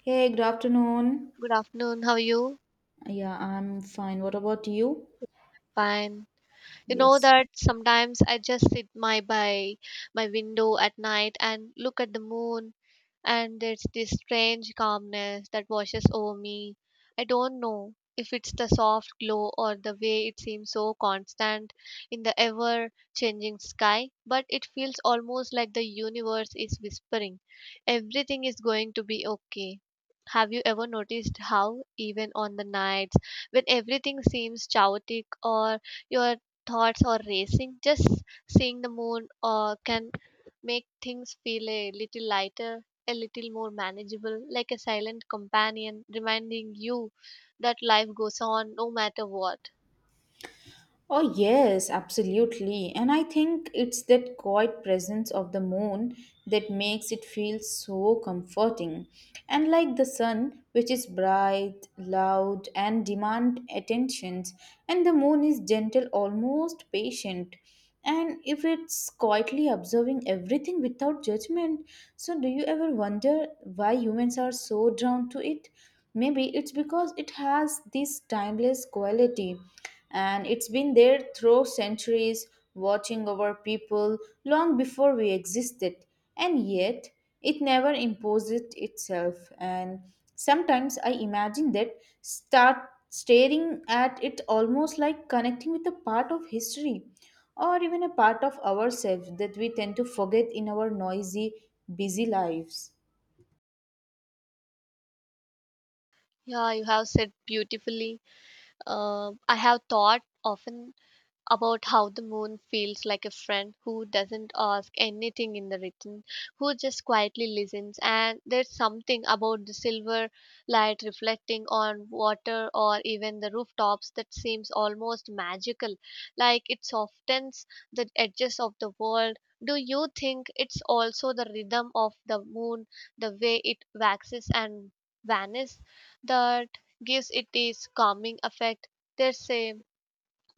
Hey, good afternoon. Good afternoon. How are you? Yeah, I'm fine. What about you? Fine. You know Yes. that sometimes I just sit my by my window at night and look at the moon, and there's this strange calmness that washes over me. I don't know if it's the soft glow or the way it seems so constant in the ever changing sky, but it feels almost like the universe is whispering everything is going to be okay. Have you ever noticed how, even on the nights when everything seems chaotic or your thoughts are racing, just seeing the moon or can make things feel a little lighter, a little more manageable, like a silent companion reminding you that life goes on no matter what. Oh, yes, absolutely. And I think it's that quiet presence of the moon that makes it feel so comforting. And like the sun, which is bright, loud, and demand attentions, and the moon is gentle, almost patient. And if it's quietly observing everything without judgment, so do you ever wonder why humans are so drawn to it? Maybe it's because it has this timeless quality, and it's been there through centuries watching over people long before we existed, and yet it never imposes itself. And sometimes I imagine that start staring at it, almost like connecting with a part of history, or even a part of ourselves that we tend to forget in our noisy, busy lives. Yeah, you have said beautifully. I have thought often about how the moon feels like a friend who doesn't ask anything in the return, who just quietly listens. And there's something about the silver light reflecting on water or even the rooftops that seems almost magical, like it softens the edges of the world. Do you think it's also the rhythm of the moon, the way it waxes and vanishes, that gives it this calming effect? There's a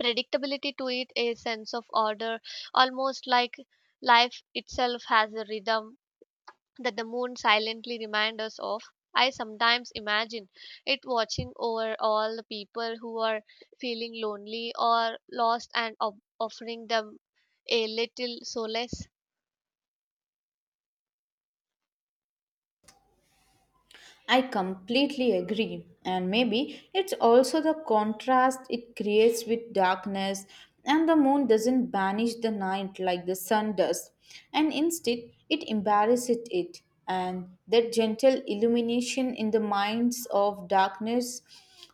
predictability to it, a sense of order, almost like life itself has a rhythm that the moon silently reminds us of. I sometimes imagine it watching over all the people who are feeling lonely or lost and of offering them a little solace. I completely agree, and maybe it's also the contrast it creates with darkness, and the moon doesn't banish the night like the sun does, and instead it embarrasses it, and that gentle illumination in the minds of darkness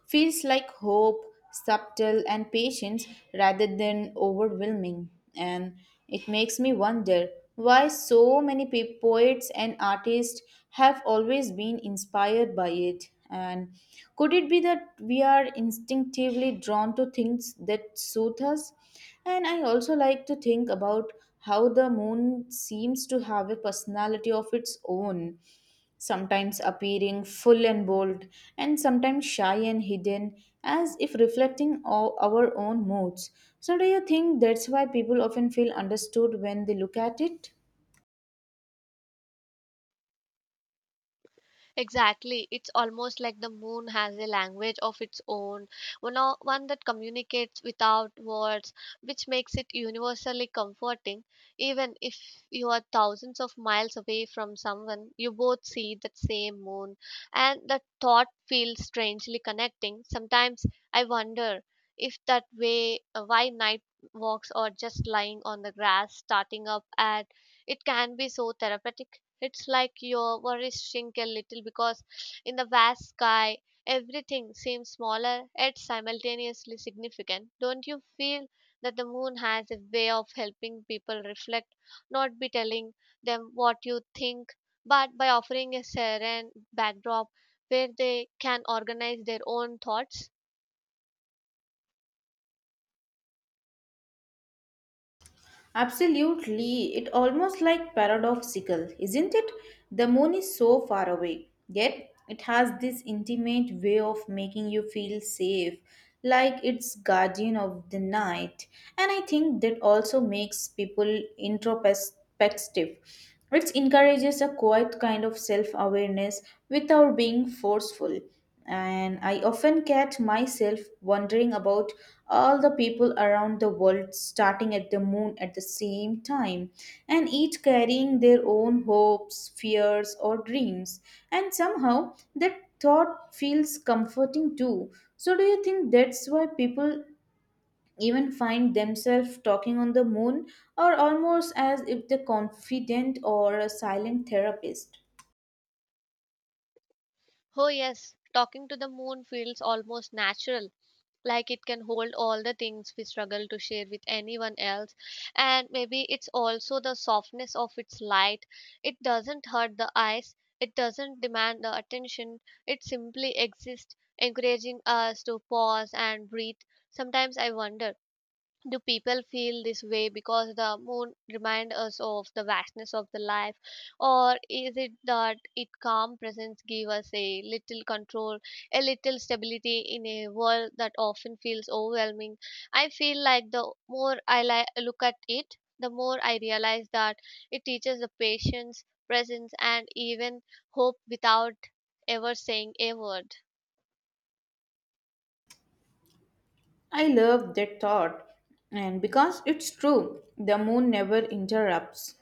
feels like hope, subtle and patience rather than overwhelming. And it makes me wonder why so many poets and artists have always been inspired by it. And could it be that we are instinctively drawn to things that soothe us? And I also like to think about how the moon seems to have a personality of its own, sometimes appearing full and bold, and sometimes shy and hidden, as if reflecting all our own moods. So, do you think that's why people often feel understood when they look at it? Exactly. It's almost like the moon has a language of its own, one that communicates without words, which makes it universally comforting. Even if you are thousands of miles away from someone, you both see that same moon, and the thought feels strangely connecting. Sometimes I wonder if that way why night walks or just lying on the grass starting up at it can be so therapeutic. It's like your worries shrink a little because in the vast sky, everything seems smaller yet simultaneously significant. Don't you feel that the moon has a way of helping people reflect, not by telling them what you think, but by offering a serene backdrop where they can organize their own thoughts? Absolutely. It almost like paradoxical, isn't it? The moon is so far away, yet it has this intimate way of making you feel safe, like it's guardian of the night. And I think that also makes people introspective. It encourages a quiet kind of self awareness without being forceful, and I often catch myself wondering about all the people around the world starting at the moon at the same time, and each carrying their own hopes, fears, or dreams. And somehow that thought feels comforting too. So, do you think that's why people even find themselves talking on the moon, or almost as if they're confident or a silent therapist? Oh, yes, talking to the moon feels almost natural, like it can hold all the things we struggle to share with anyone else. And maybe it's also the softness of its light. It doesn't hurt the eyes, it doesn't demand the attention, it simply exists, encouraging us to pause and breathe. Sometimes I wonder, do people feel this way because the moon remind us of the vastness of the life, or is it that its calm presence give us a little control, a little stability in a world that often feels overwhelming? I feel like the more I look at it, the more I realize that it teaches the patience, presence, and even hope without ever saying a word. I love that thought, and because it's true, the moon never interrupts,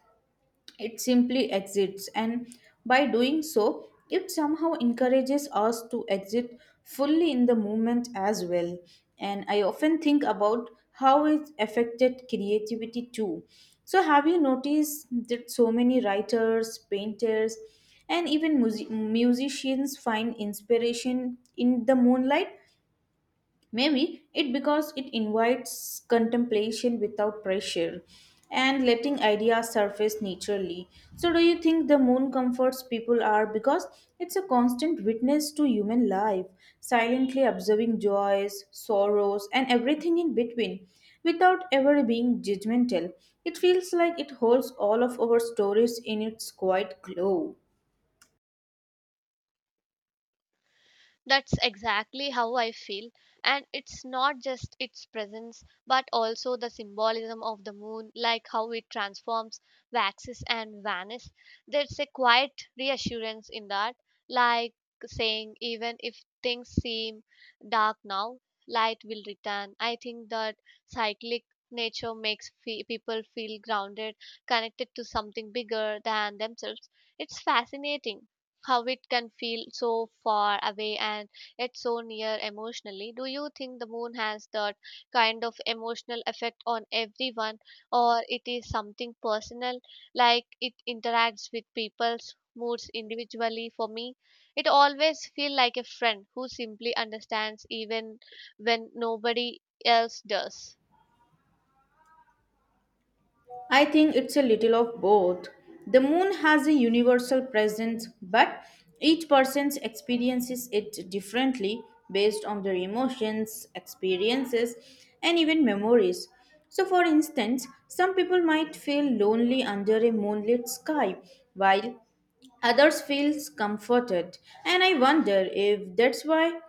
it simply exits, and by doing so, it somehow encourages us to exit fully in the movement as well. And I often think about how it affected creativity too. So, have you noticed that so many writers, painters, and even musicians find inspiration in the moonlight? Maybe it because it invites contemplation without pressure, and letting ideas surface naturally. So, do you think the moon comforts people are because it's a constant witness to human life, silently observing joys, sorrows, and everything in between without ever being judgmental? It feels like it holds all of our stories in its quiet glow. That's exactly how I feel. And it's not just its presence, but also the symbolism of the moon, like how it transforms, waxes, and vanishes. There's a quiet reassurance in that, like saying, even if things seem dark now, light will return. I think that cyclic nature makes people feel grounded, connected to something bigger than themselves. It's fascinating how it can feel so far away and yet so near emotionally. Do you think the moon has that kind of emotional effect on everyone, or it is something personal, like it interacts with people's moods individually? For me, it always feels like a friend who simply understands even when nobody else does. I think it's a little of both. The moon has a universal presence, but each person's experiences it differently based on their emotions, experiences, and even memories. So, for instance, some people might feel lonely under a moonlit sky, while others feel comforted. And I wonder if that's why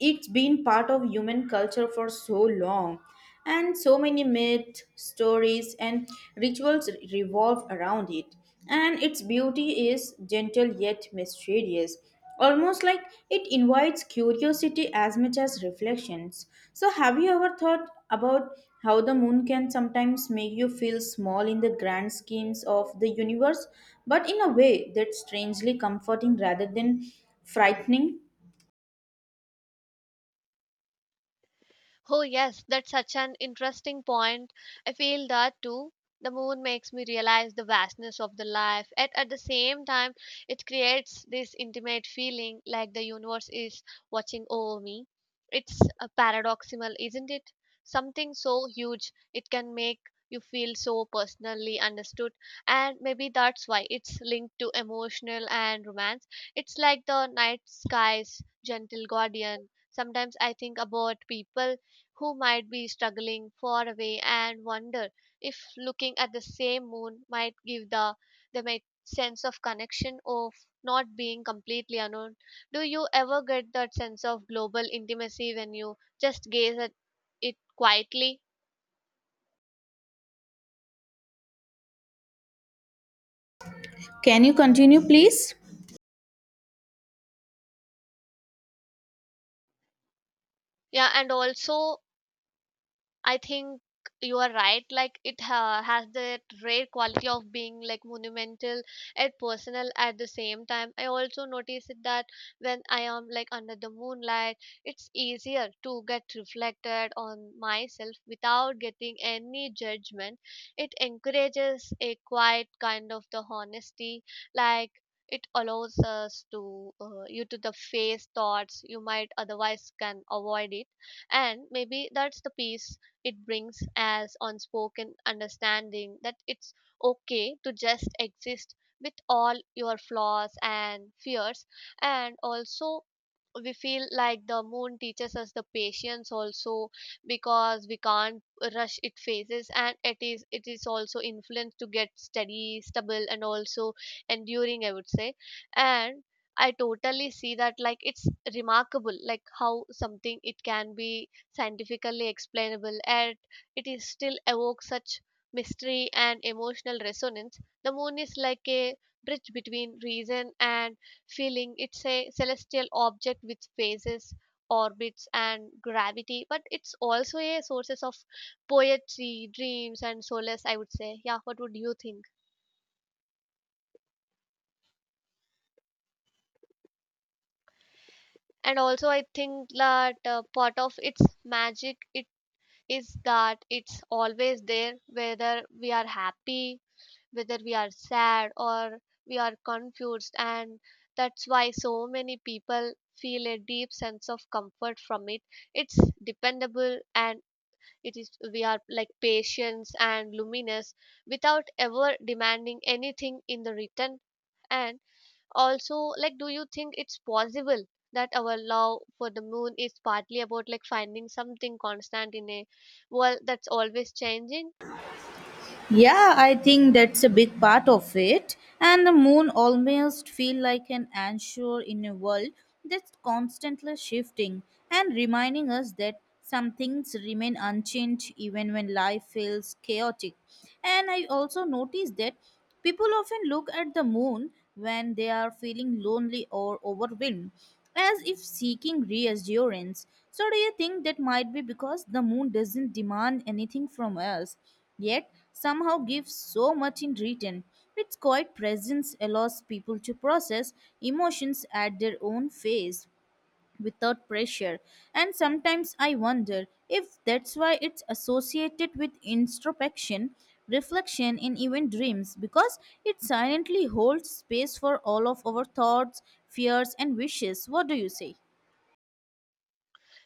it's been part of human culture for so long, and so many myths, stories, and rituals revolve around it, and its beauty is gentle yet mysterious, almost like it invites curiosity as much as reflections. So have you ever thought about how the moon can sometimes make you feel small in the grand schemes of the universe, but in a way that's strangely comforting rather than frightening? Oh, yes, that's such an interesting point. I feel that too. The moon makes me realize the vastness of the life, and at the same time, it creates this intimate feeling like the universe is watching over me. It's a paradoxical, isn't it? Something so huge, it can make you feel so personally understood, and maybe that's why it's linked to emotional and romance. It's like the night sky's gentle guardian. Sometimes I think about people who might be struggling far away and wonder if looking at the same moon might give the them a sense of connection of not being completely alone. Do you ever get that sense of global intimacy when you just gaze at it quietly? Can you continue please? Yeah, and also I think you are right. Like it has that rare quality of being like monumental and personal at the same time. I also notice it that when I am like under the moonlight, it's easier to get reflected on myself without getting any judgment. It encourages a quiet kind of the honesty, like. It allows us to you to the face thoughts you might otherwise can avoid it, and maybe that's the piece it brings as unspoken understanding that it's okay to just exist with all your flaws and fears. And also we feel like the moon teaches us the patience also because we can't rush its phases, and it is also influenced to get steady, stable, and also enduring, I would say. And I totally see that, like it's remarkable, like how something it can be scientifically explainable, yet it is still evokes such mystery and emotional resonance. The moon is like a bridge between reason and feeling. It's a celestial object with phases, orbits, and gravity, but it's also a sources of poetry, dreams, and solace. I would say, yeah. What would you think? And also, I think that part of its magic it is that it's always there, whether we are happy, whether we are sad, or we are confused, and that's why so many people feel a deep sense of comfort from it. It's dependable, and it is we are like patience and luminous without ever demanding anything in the return. And also, like, do you think it's possible that our love for the moon is partly about like finding something constant in a world that's always changing? Yeah, I think that's a big part of it. And the moon almost feel like an anchor in a world that's constantly shifting and reminding us that some things remain unchanged even when life feels chaotic. And I also noticed that people often look at the moon when they are feeling lonely or overwhelmed, as if seeking reassurance. So, do you think that might be because the moon doesn't demand anything from us, yet somehow gives so much in return? Its quiet presence allows people to process emotions at their own pace without pressure. And sometimes I wonder if that's why it's associated with introspection, reflection, and even dreams, because it silently holds space for all of our thoughts, fears, and wishes. What do you say?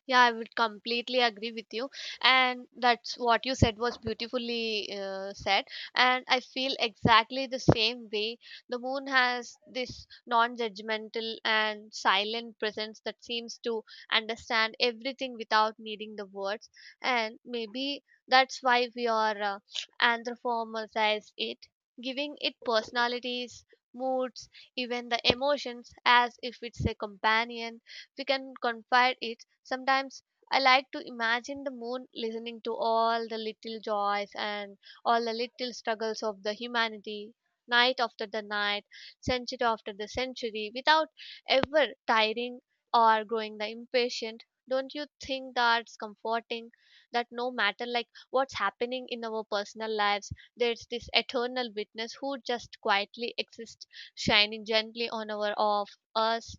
Yeah, I would completely agree with you. And that's what you said was beautifully said. And I feel exactly the same way. The moon has this non judgmental and silent presence that seems to understand everything without needing the words. And maybe that's why we are anthropomorphize it, giving it personalities, moods, even the emotions as if it's a companion we can confide it. Sometimes I like to imagine the moon listening to all the little joys and all the little struggles of the humanity, night after the night, century after the century, without ever tiring or growing the impatient. Don't you think that's comforting? That no matter like what's happening in our personal lives, there's this eternal witness who just quietly exists, shining gently on our of us,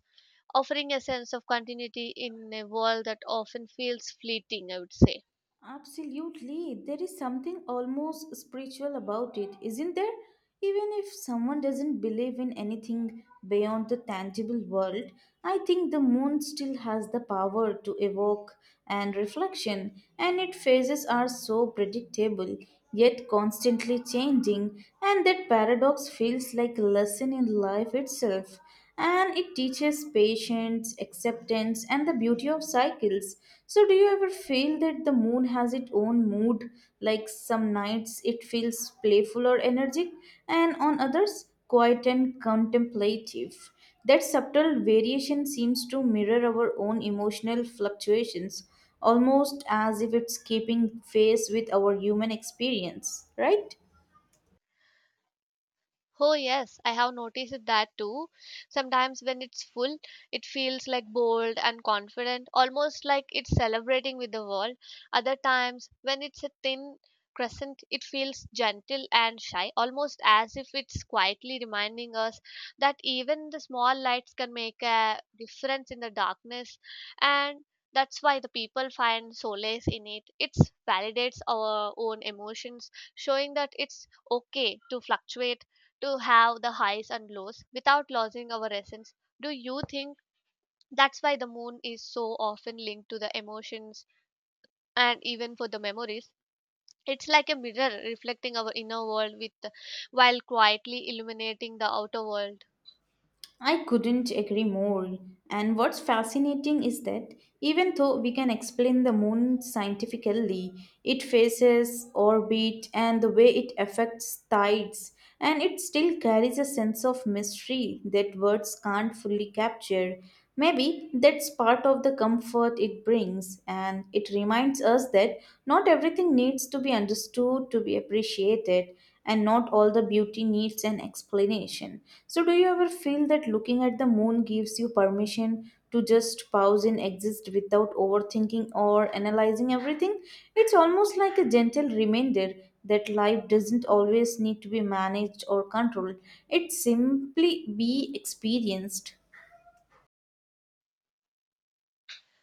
offering a sense of continuity in a world that often feels fleeting, I would say. Absolutely. There is something almost spiritual about it, isn't there? Even if someone doesn't believe in anything beyond the tangible world, I think the moon still has the power to evoke and reflection, and its phases are so predictable yet constantly changing, and that paradox feels like a lesson in life itself, and it teaches patience, acceptance, and the beauty of cycles. So, do you ever feel that the moon has its own mood? Like some nights it feels playful or energetic, and on others, quiet and contemplative. That subtle variation seems to mirror our own emotional fluctuations, almost as if it's keeping pace with our human experience, right? Oh, yes, I have noticed that too. Sometimes when it's full, it feels like bold and confident, almost like it's celebrating with the world. Other times, when it's a thin crescent, it feels gentle and shy, almost as if it's quietly reminding us that even the small lights can make a difference in the darkness. And that's why the people find solace in it. It validates our own emotions, showing that it's okay to fluctuate, to have the highs and lows without losing our essence. Do you think that's why the moon is so often linked to the emotions and even for the memories? It's like a mirror reflecting our inner world with while quietly illuminating the outer world. I couldn't agree more. And what's fascinating is that even though we can explain the moon scientifically, its phases, orbit, and the way it affects tides, and it still carries a sense of mystery that words can't fully capture. Maybe that's part of the comfort it brings, and it reminds us that not everything needs to be understood to be appreciated, and not all the beauty needs an explanation. So, do you ever feel that looking at the moon gives you permission to just pause and exist without overthinking or analyzing everything? It's almost like a gentle reminder that life doesn't always need to be managed or controlled, it simply be experienced.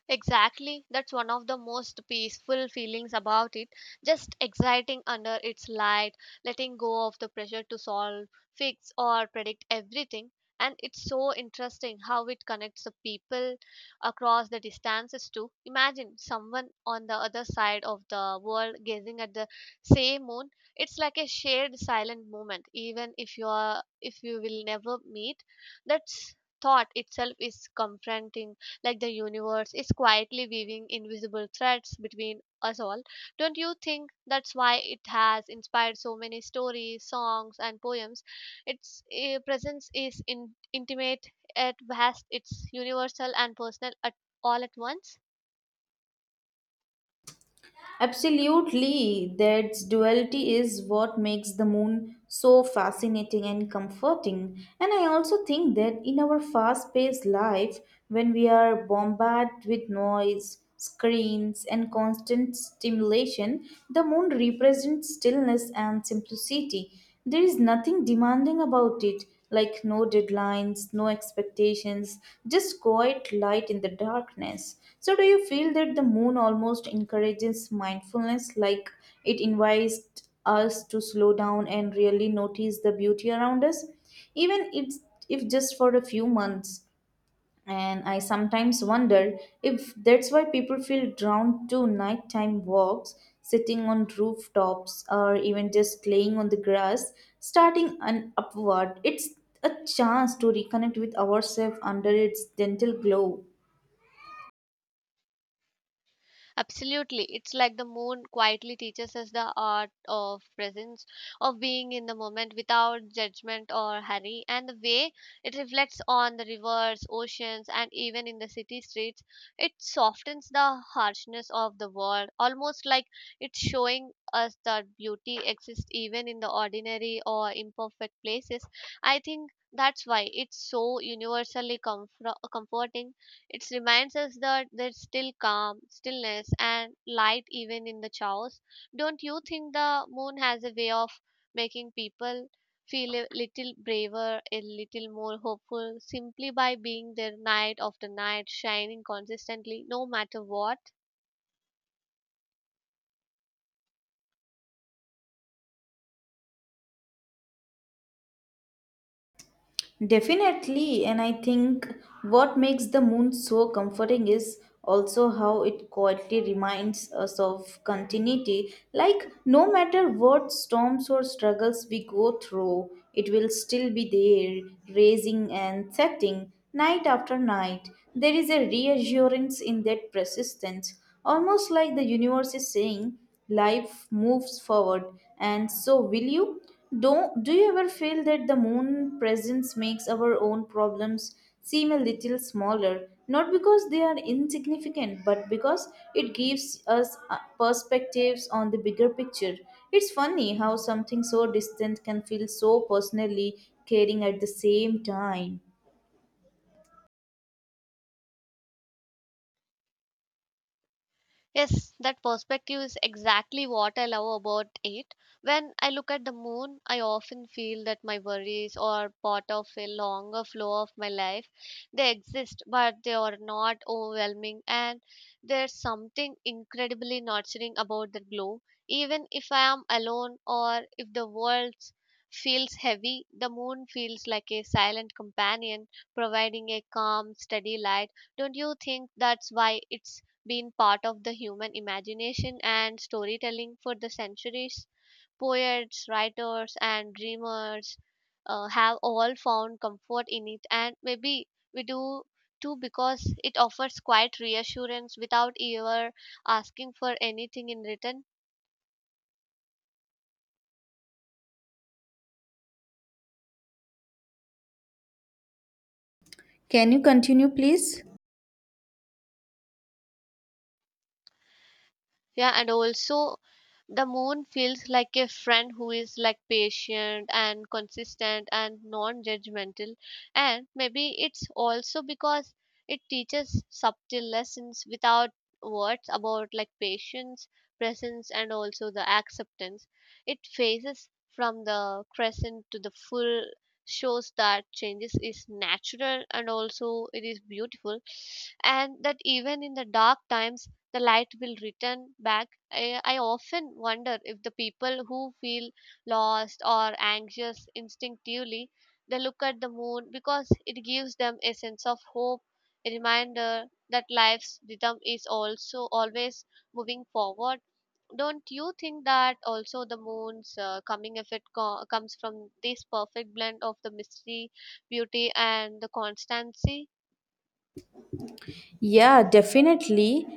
Exactly. That's one of the most peaceful feelings about it. Just exciting under its light, letting go of the pressure to solve, fix, or predict everything. And it's so interesting how it connects the people across the distances too. Imagine someone on the other side of the world gazing at the same moon. It's like a shared silent moment, even if you are if you will never meet. That's thought itself is confronting, like the universe is quietly weaving invisible threads between us all. Don't you think that's why it has inspired so many stories, songs, and poems? Its presence is intimate, at vast, it's universal and personal at all at once. Absolutely, that duality is what makes the moon so fascinating and comforting. And I also think that in our fast paced life, when we are bombarded with noise, screens, and constant stimulation, the moon represents stillness and simplicity. There is nothing demanding about it, like no deadlines, no expectations, just quiet light in the darkness. So, do you feel that the moon almost encourages mindfulness, like it invites us to slow down and really notice the beauty around us, even if just for a few months? And I sometimes wonder if that's why people feel drawn to nighttime walks, sitting on rooftops, or even just laying on the grass, starting an upward. It's a chance to reconnect with ourselves under its gentle glow. Absolutely. It's like the moon quietly teaches us the art of presence, of being in the moment without judgment or hurry. And the way it reflects on the rivers, oceans, and even in the city streets, it softens the harshness of the world, almost like it's showing us that beauty exists even in the ordinary or imperfect places. I think that's why it's so universally comforting. It reminds us that there's still calm, stillness, and light even in the chaos. Don't you think the moon has a way of making people feel a little braver, a little more hopeful, simply by being there night after night, shining consistently, no matter what? Definitely, and I think what makes the moon so comforting is also how it quietly reminds us of continuity. Like, no matter what storms or struggles we go through, it will still be there, raising and setting night after night. There is a reassurance in that persistence, almost like the universe is saying, life moves forward, and so will you. Do you ever feel that the moon presence makes our own problems seem a little smaller? Not because they are insignificant, but because it gives us perspectives on the bigger picture. It's funny how something so distant can feel so personally caring at the same time. Yes, that perspective is exactly what I love about it. When I look at the moon, I often feel that my worries are part of a longer flow of my life. They exist, but they are not overwhelming, and there's something incredibly nurturing about the glow. Even if I am alone or if the world feels heavy, the moon feels like a silent companion, providing a calm, steady light. Don't you think that's why it's been part of the human imagination and storytelling for the centuries? Poets, writers, and dreamers have all found comfort in it, and maybe we do too because it offers quiet reassurance without ever asking for anything in return. Can you continue, please? Yeah, and also the moon feels like a friend who is like patient and consistent and non-judgmental. And maybe it's also because it teaches subtle lessons without words about like patience, presence, and also the acceptance. It phases from the crescent to the full shows that changes is natural and also it is beautiful, and that even in the dark times the light will return back. I often wonder if the people who feel lost or anxious instinctively they look at the moon because it gives them a sense of hope, a reminder that life's rhythm is also always moving forward. Don't you think that also the moon's coming effect comes from this perfect blend of the mystery, beauty, and the constancy? Yeah, definitely.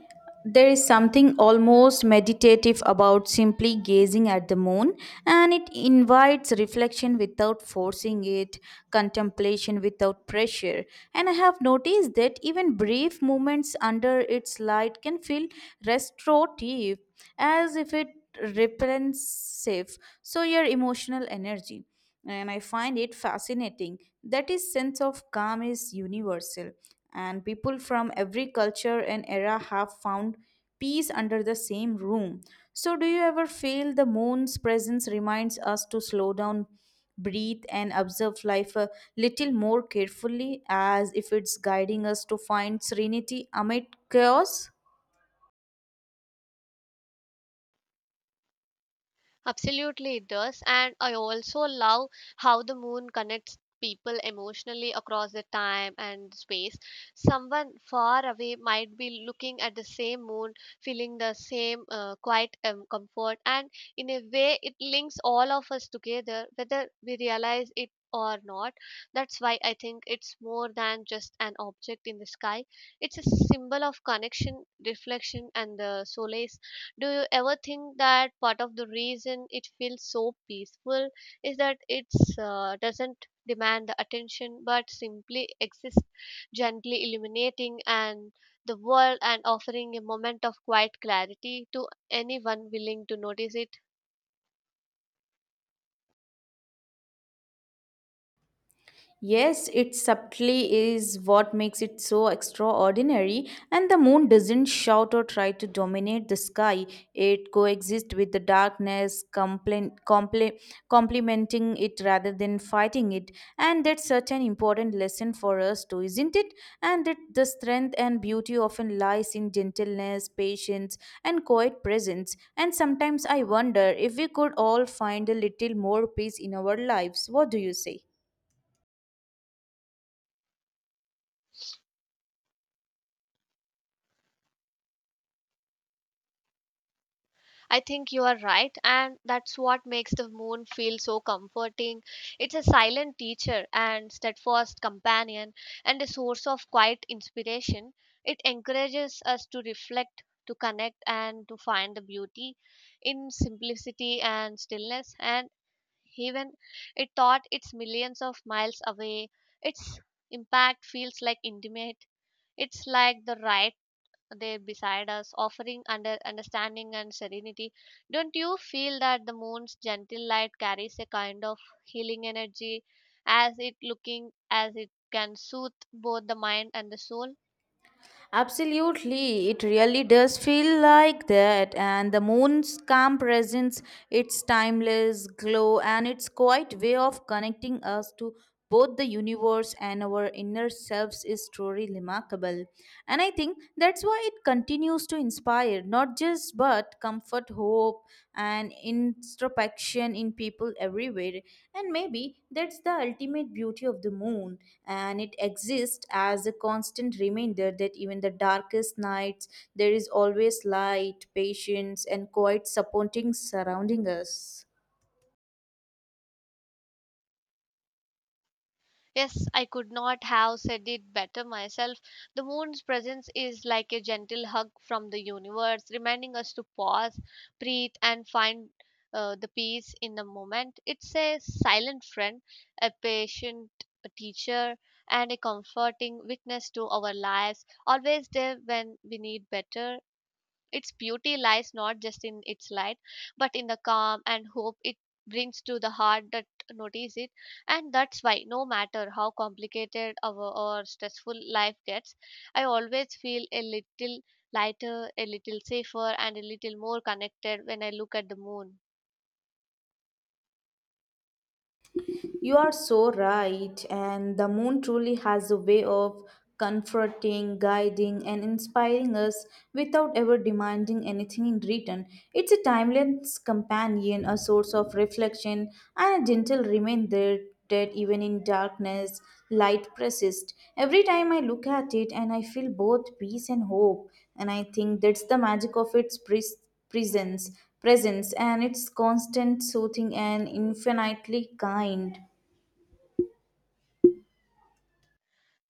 There is something almost meditative about simply gazing at the moon, and it invites reflection without forcing it, contemplation without pressure. And I have noticed that even brief moments under its light can feel restorative, as if it replenishing so your emotional energy. And I find it fascinating that his sense of calm is universal, and people from every culture and era have found peace under the same room. So, do you ever feel the moon's presence reminds us to slow down, breathe, and observe life a little more carefully, as if it's guiding us to find serenity amid chaos? Absolutely, it does. And I also love how the moon connects people emotionally across the time and space. Someone far away might be looking at the same moon, feeling the same quiet comfort. And in a way, it links all of us together, whether we realize it or not. That's why I think it's more than just an object in the sky, it's a symbol of connection, reflection, and the solace. Do you ever think that part of the reason it feels so peaceful is that it doesn't demand the attention but simply exists, gently illuminating and the world and offering a moment of quiet clarity to anyone willing to notice it? Yes, it subtly is what makes it so extraordinary, and the moon doesn't shout or try to dominate the sky. It coexists with the darkness, complementing it rather than fighting it. And that's such an important lesson for us too, isn't it? And that the strength and beauty often lies in gentleness, patience, and quiet presence. And sometimes I wonder if we could all find a little more peace in our lives. What do you say? I think you are right, and that's what makes the moon feel so comforting. It's a silent teacher and steadfast companion, and a source of quiet inspiration. It encourages us to reflect, to connect, and to find the beauty in simplicity and stillness. And even it thought it's millions of miles away, its impact feels like intimate. It's like the right there beside us, offering under understanding and serenity. Don't you feel that the moon's gentle light carries a kind of healing energy as it looking as it can soothe both the mind and the soul? Absolutely, it really does feel like that, and the moon's calm presence, its timeless glow, and its quiet way of connecting us to both the universe and our inner selves is truly remarkable. And I think that's why it continues to inspire, not just but comfort, hope, and introspection in people everywhere. And maybe that's the ultimate beauty of the moon, and it exists as a constant reminder that even the darkest nights, there is always light, patience, and quiet supporting surrounding us. Yes, I could not have said it better myself. The moon's presence is like a gentle hug from the universe, reminding us to pause, breathe, and find the peace in the moment. It's a silent friend, a patient teacher, and a comforting witness to our lives, always there when we need better. Its beauty lies not just in its light, but in the calm and hope it brings to the heart that notice it. And that's why, no matter how complicated our or stressful life gets, I always feel a little lighter, a little safer, and a little more connected when I look at the moon. You are so right, and the moon truly has a way of comforting, guiding, and inspiring us without ever demanding anything in return. It's a timeless companion, a source of reflection, and a gentle reminder that even in darkness, light persists. Every time I look at it, and I feel both peace and hope, and I think that's the magic of its presence, presence, and its constant soothing and infinitely kind.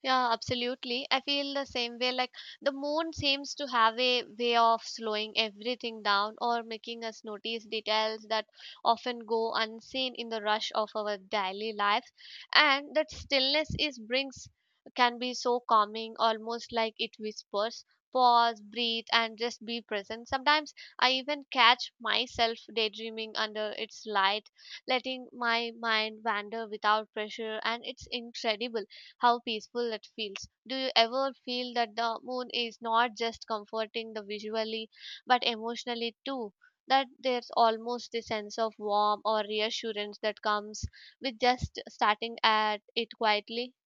Yeah, absolutely. I feel the same way. Like the moon seems to have a way of slowing everything down or making us notice details that often go unseen in the rush of our daily lives. And that stillness is brings can be so calming, almost like it whispers, pause, breathe, and just be present. Sometimes I even catch myself daydreaming under its light, letting my mind wander without pressure, and it's incredible how peaceful it feels. Do you ever feel that the moon is not just comforting the visually but emotionally too? That there's almost a sense of warmth or reassurance that comes with just starting at it quietly.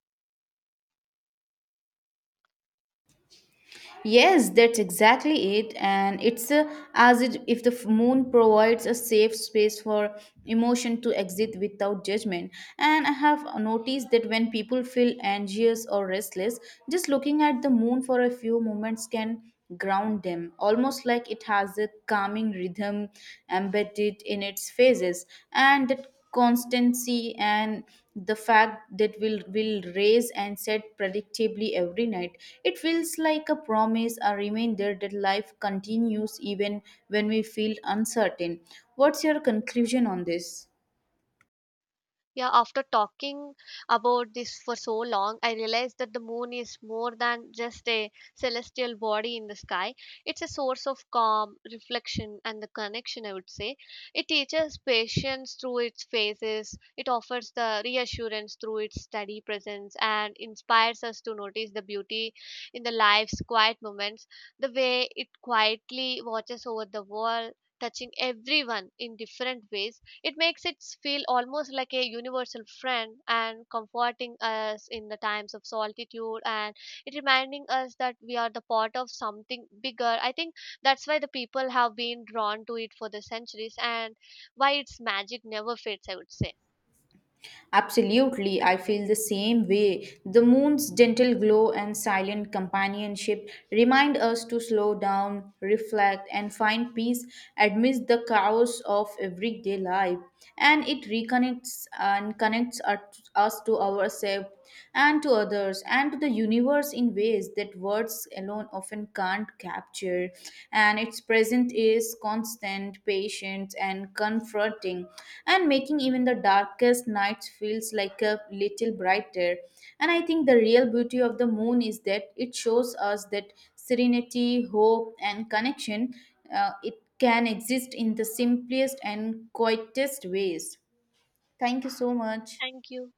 Yes, that's exactly it. And it's as if the moon provides a safe space for emotion to exit without judgment. And I have noticed that when people feel anxious or restless, just looking at the moon for a few moments can ground them, almost like it has a calming rhythm embedded in its phases. And that constancy, and the fact that will raise and set predictably every night, it feels like a promise, a reminder that life continues even when we feel uncertain. What's your conclusion on this? Yeah, after talking about this for so long, I realized that the moon is more than just a celestial body in the sky. It's a source of calm, reflection, and the connection, I would say. It teaches patience through its phases, it offers the reassurance through its steady presence, and inspires us to notice the beauty in the life's quiet moments, the way it quietly watches over the world. Touching everyone in different ways, it makes it feel almost like a universal friend and comforting us in the times of solitude, and it reminding us that we are the part of something bigger. I think that's why the people have been drawn to it for the centuries and why its magic never fades, I would say. Absolutely, I feel the same way. The moon's gentle glow and silent companionship remind us to slow down, reflect, and find peace amidst the chaos of everyday life. And it reconnects and connects us to ourselves, and to others, and to the universe in ways that words alone often can't capture. And its presence is constant, patient, and comforting, and making even the darkest nights feels like a little brighter. And I think the real beauty of the moon is that it shows us that serenity, hope, and connection, it can exist in the simplest and quietest ways. Thank you so much. Thank you.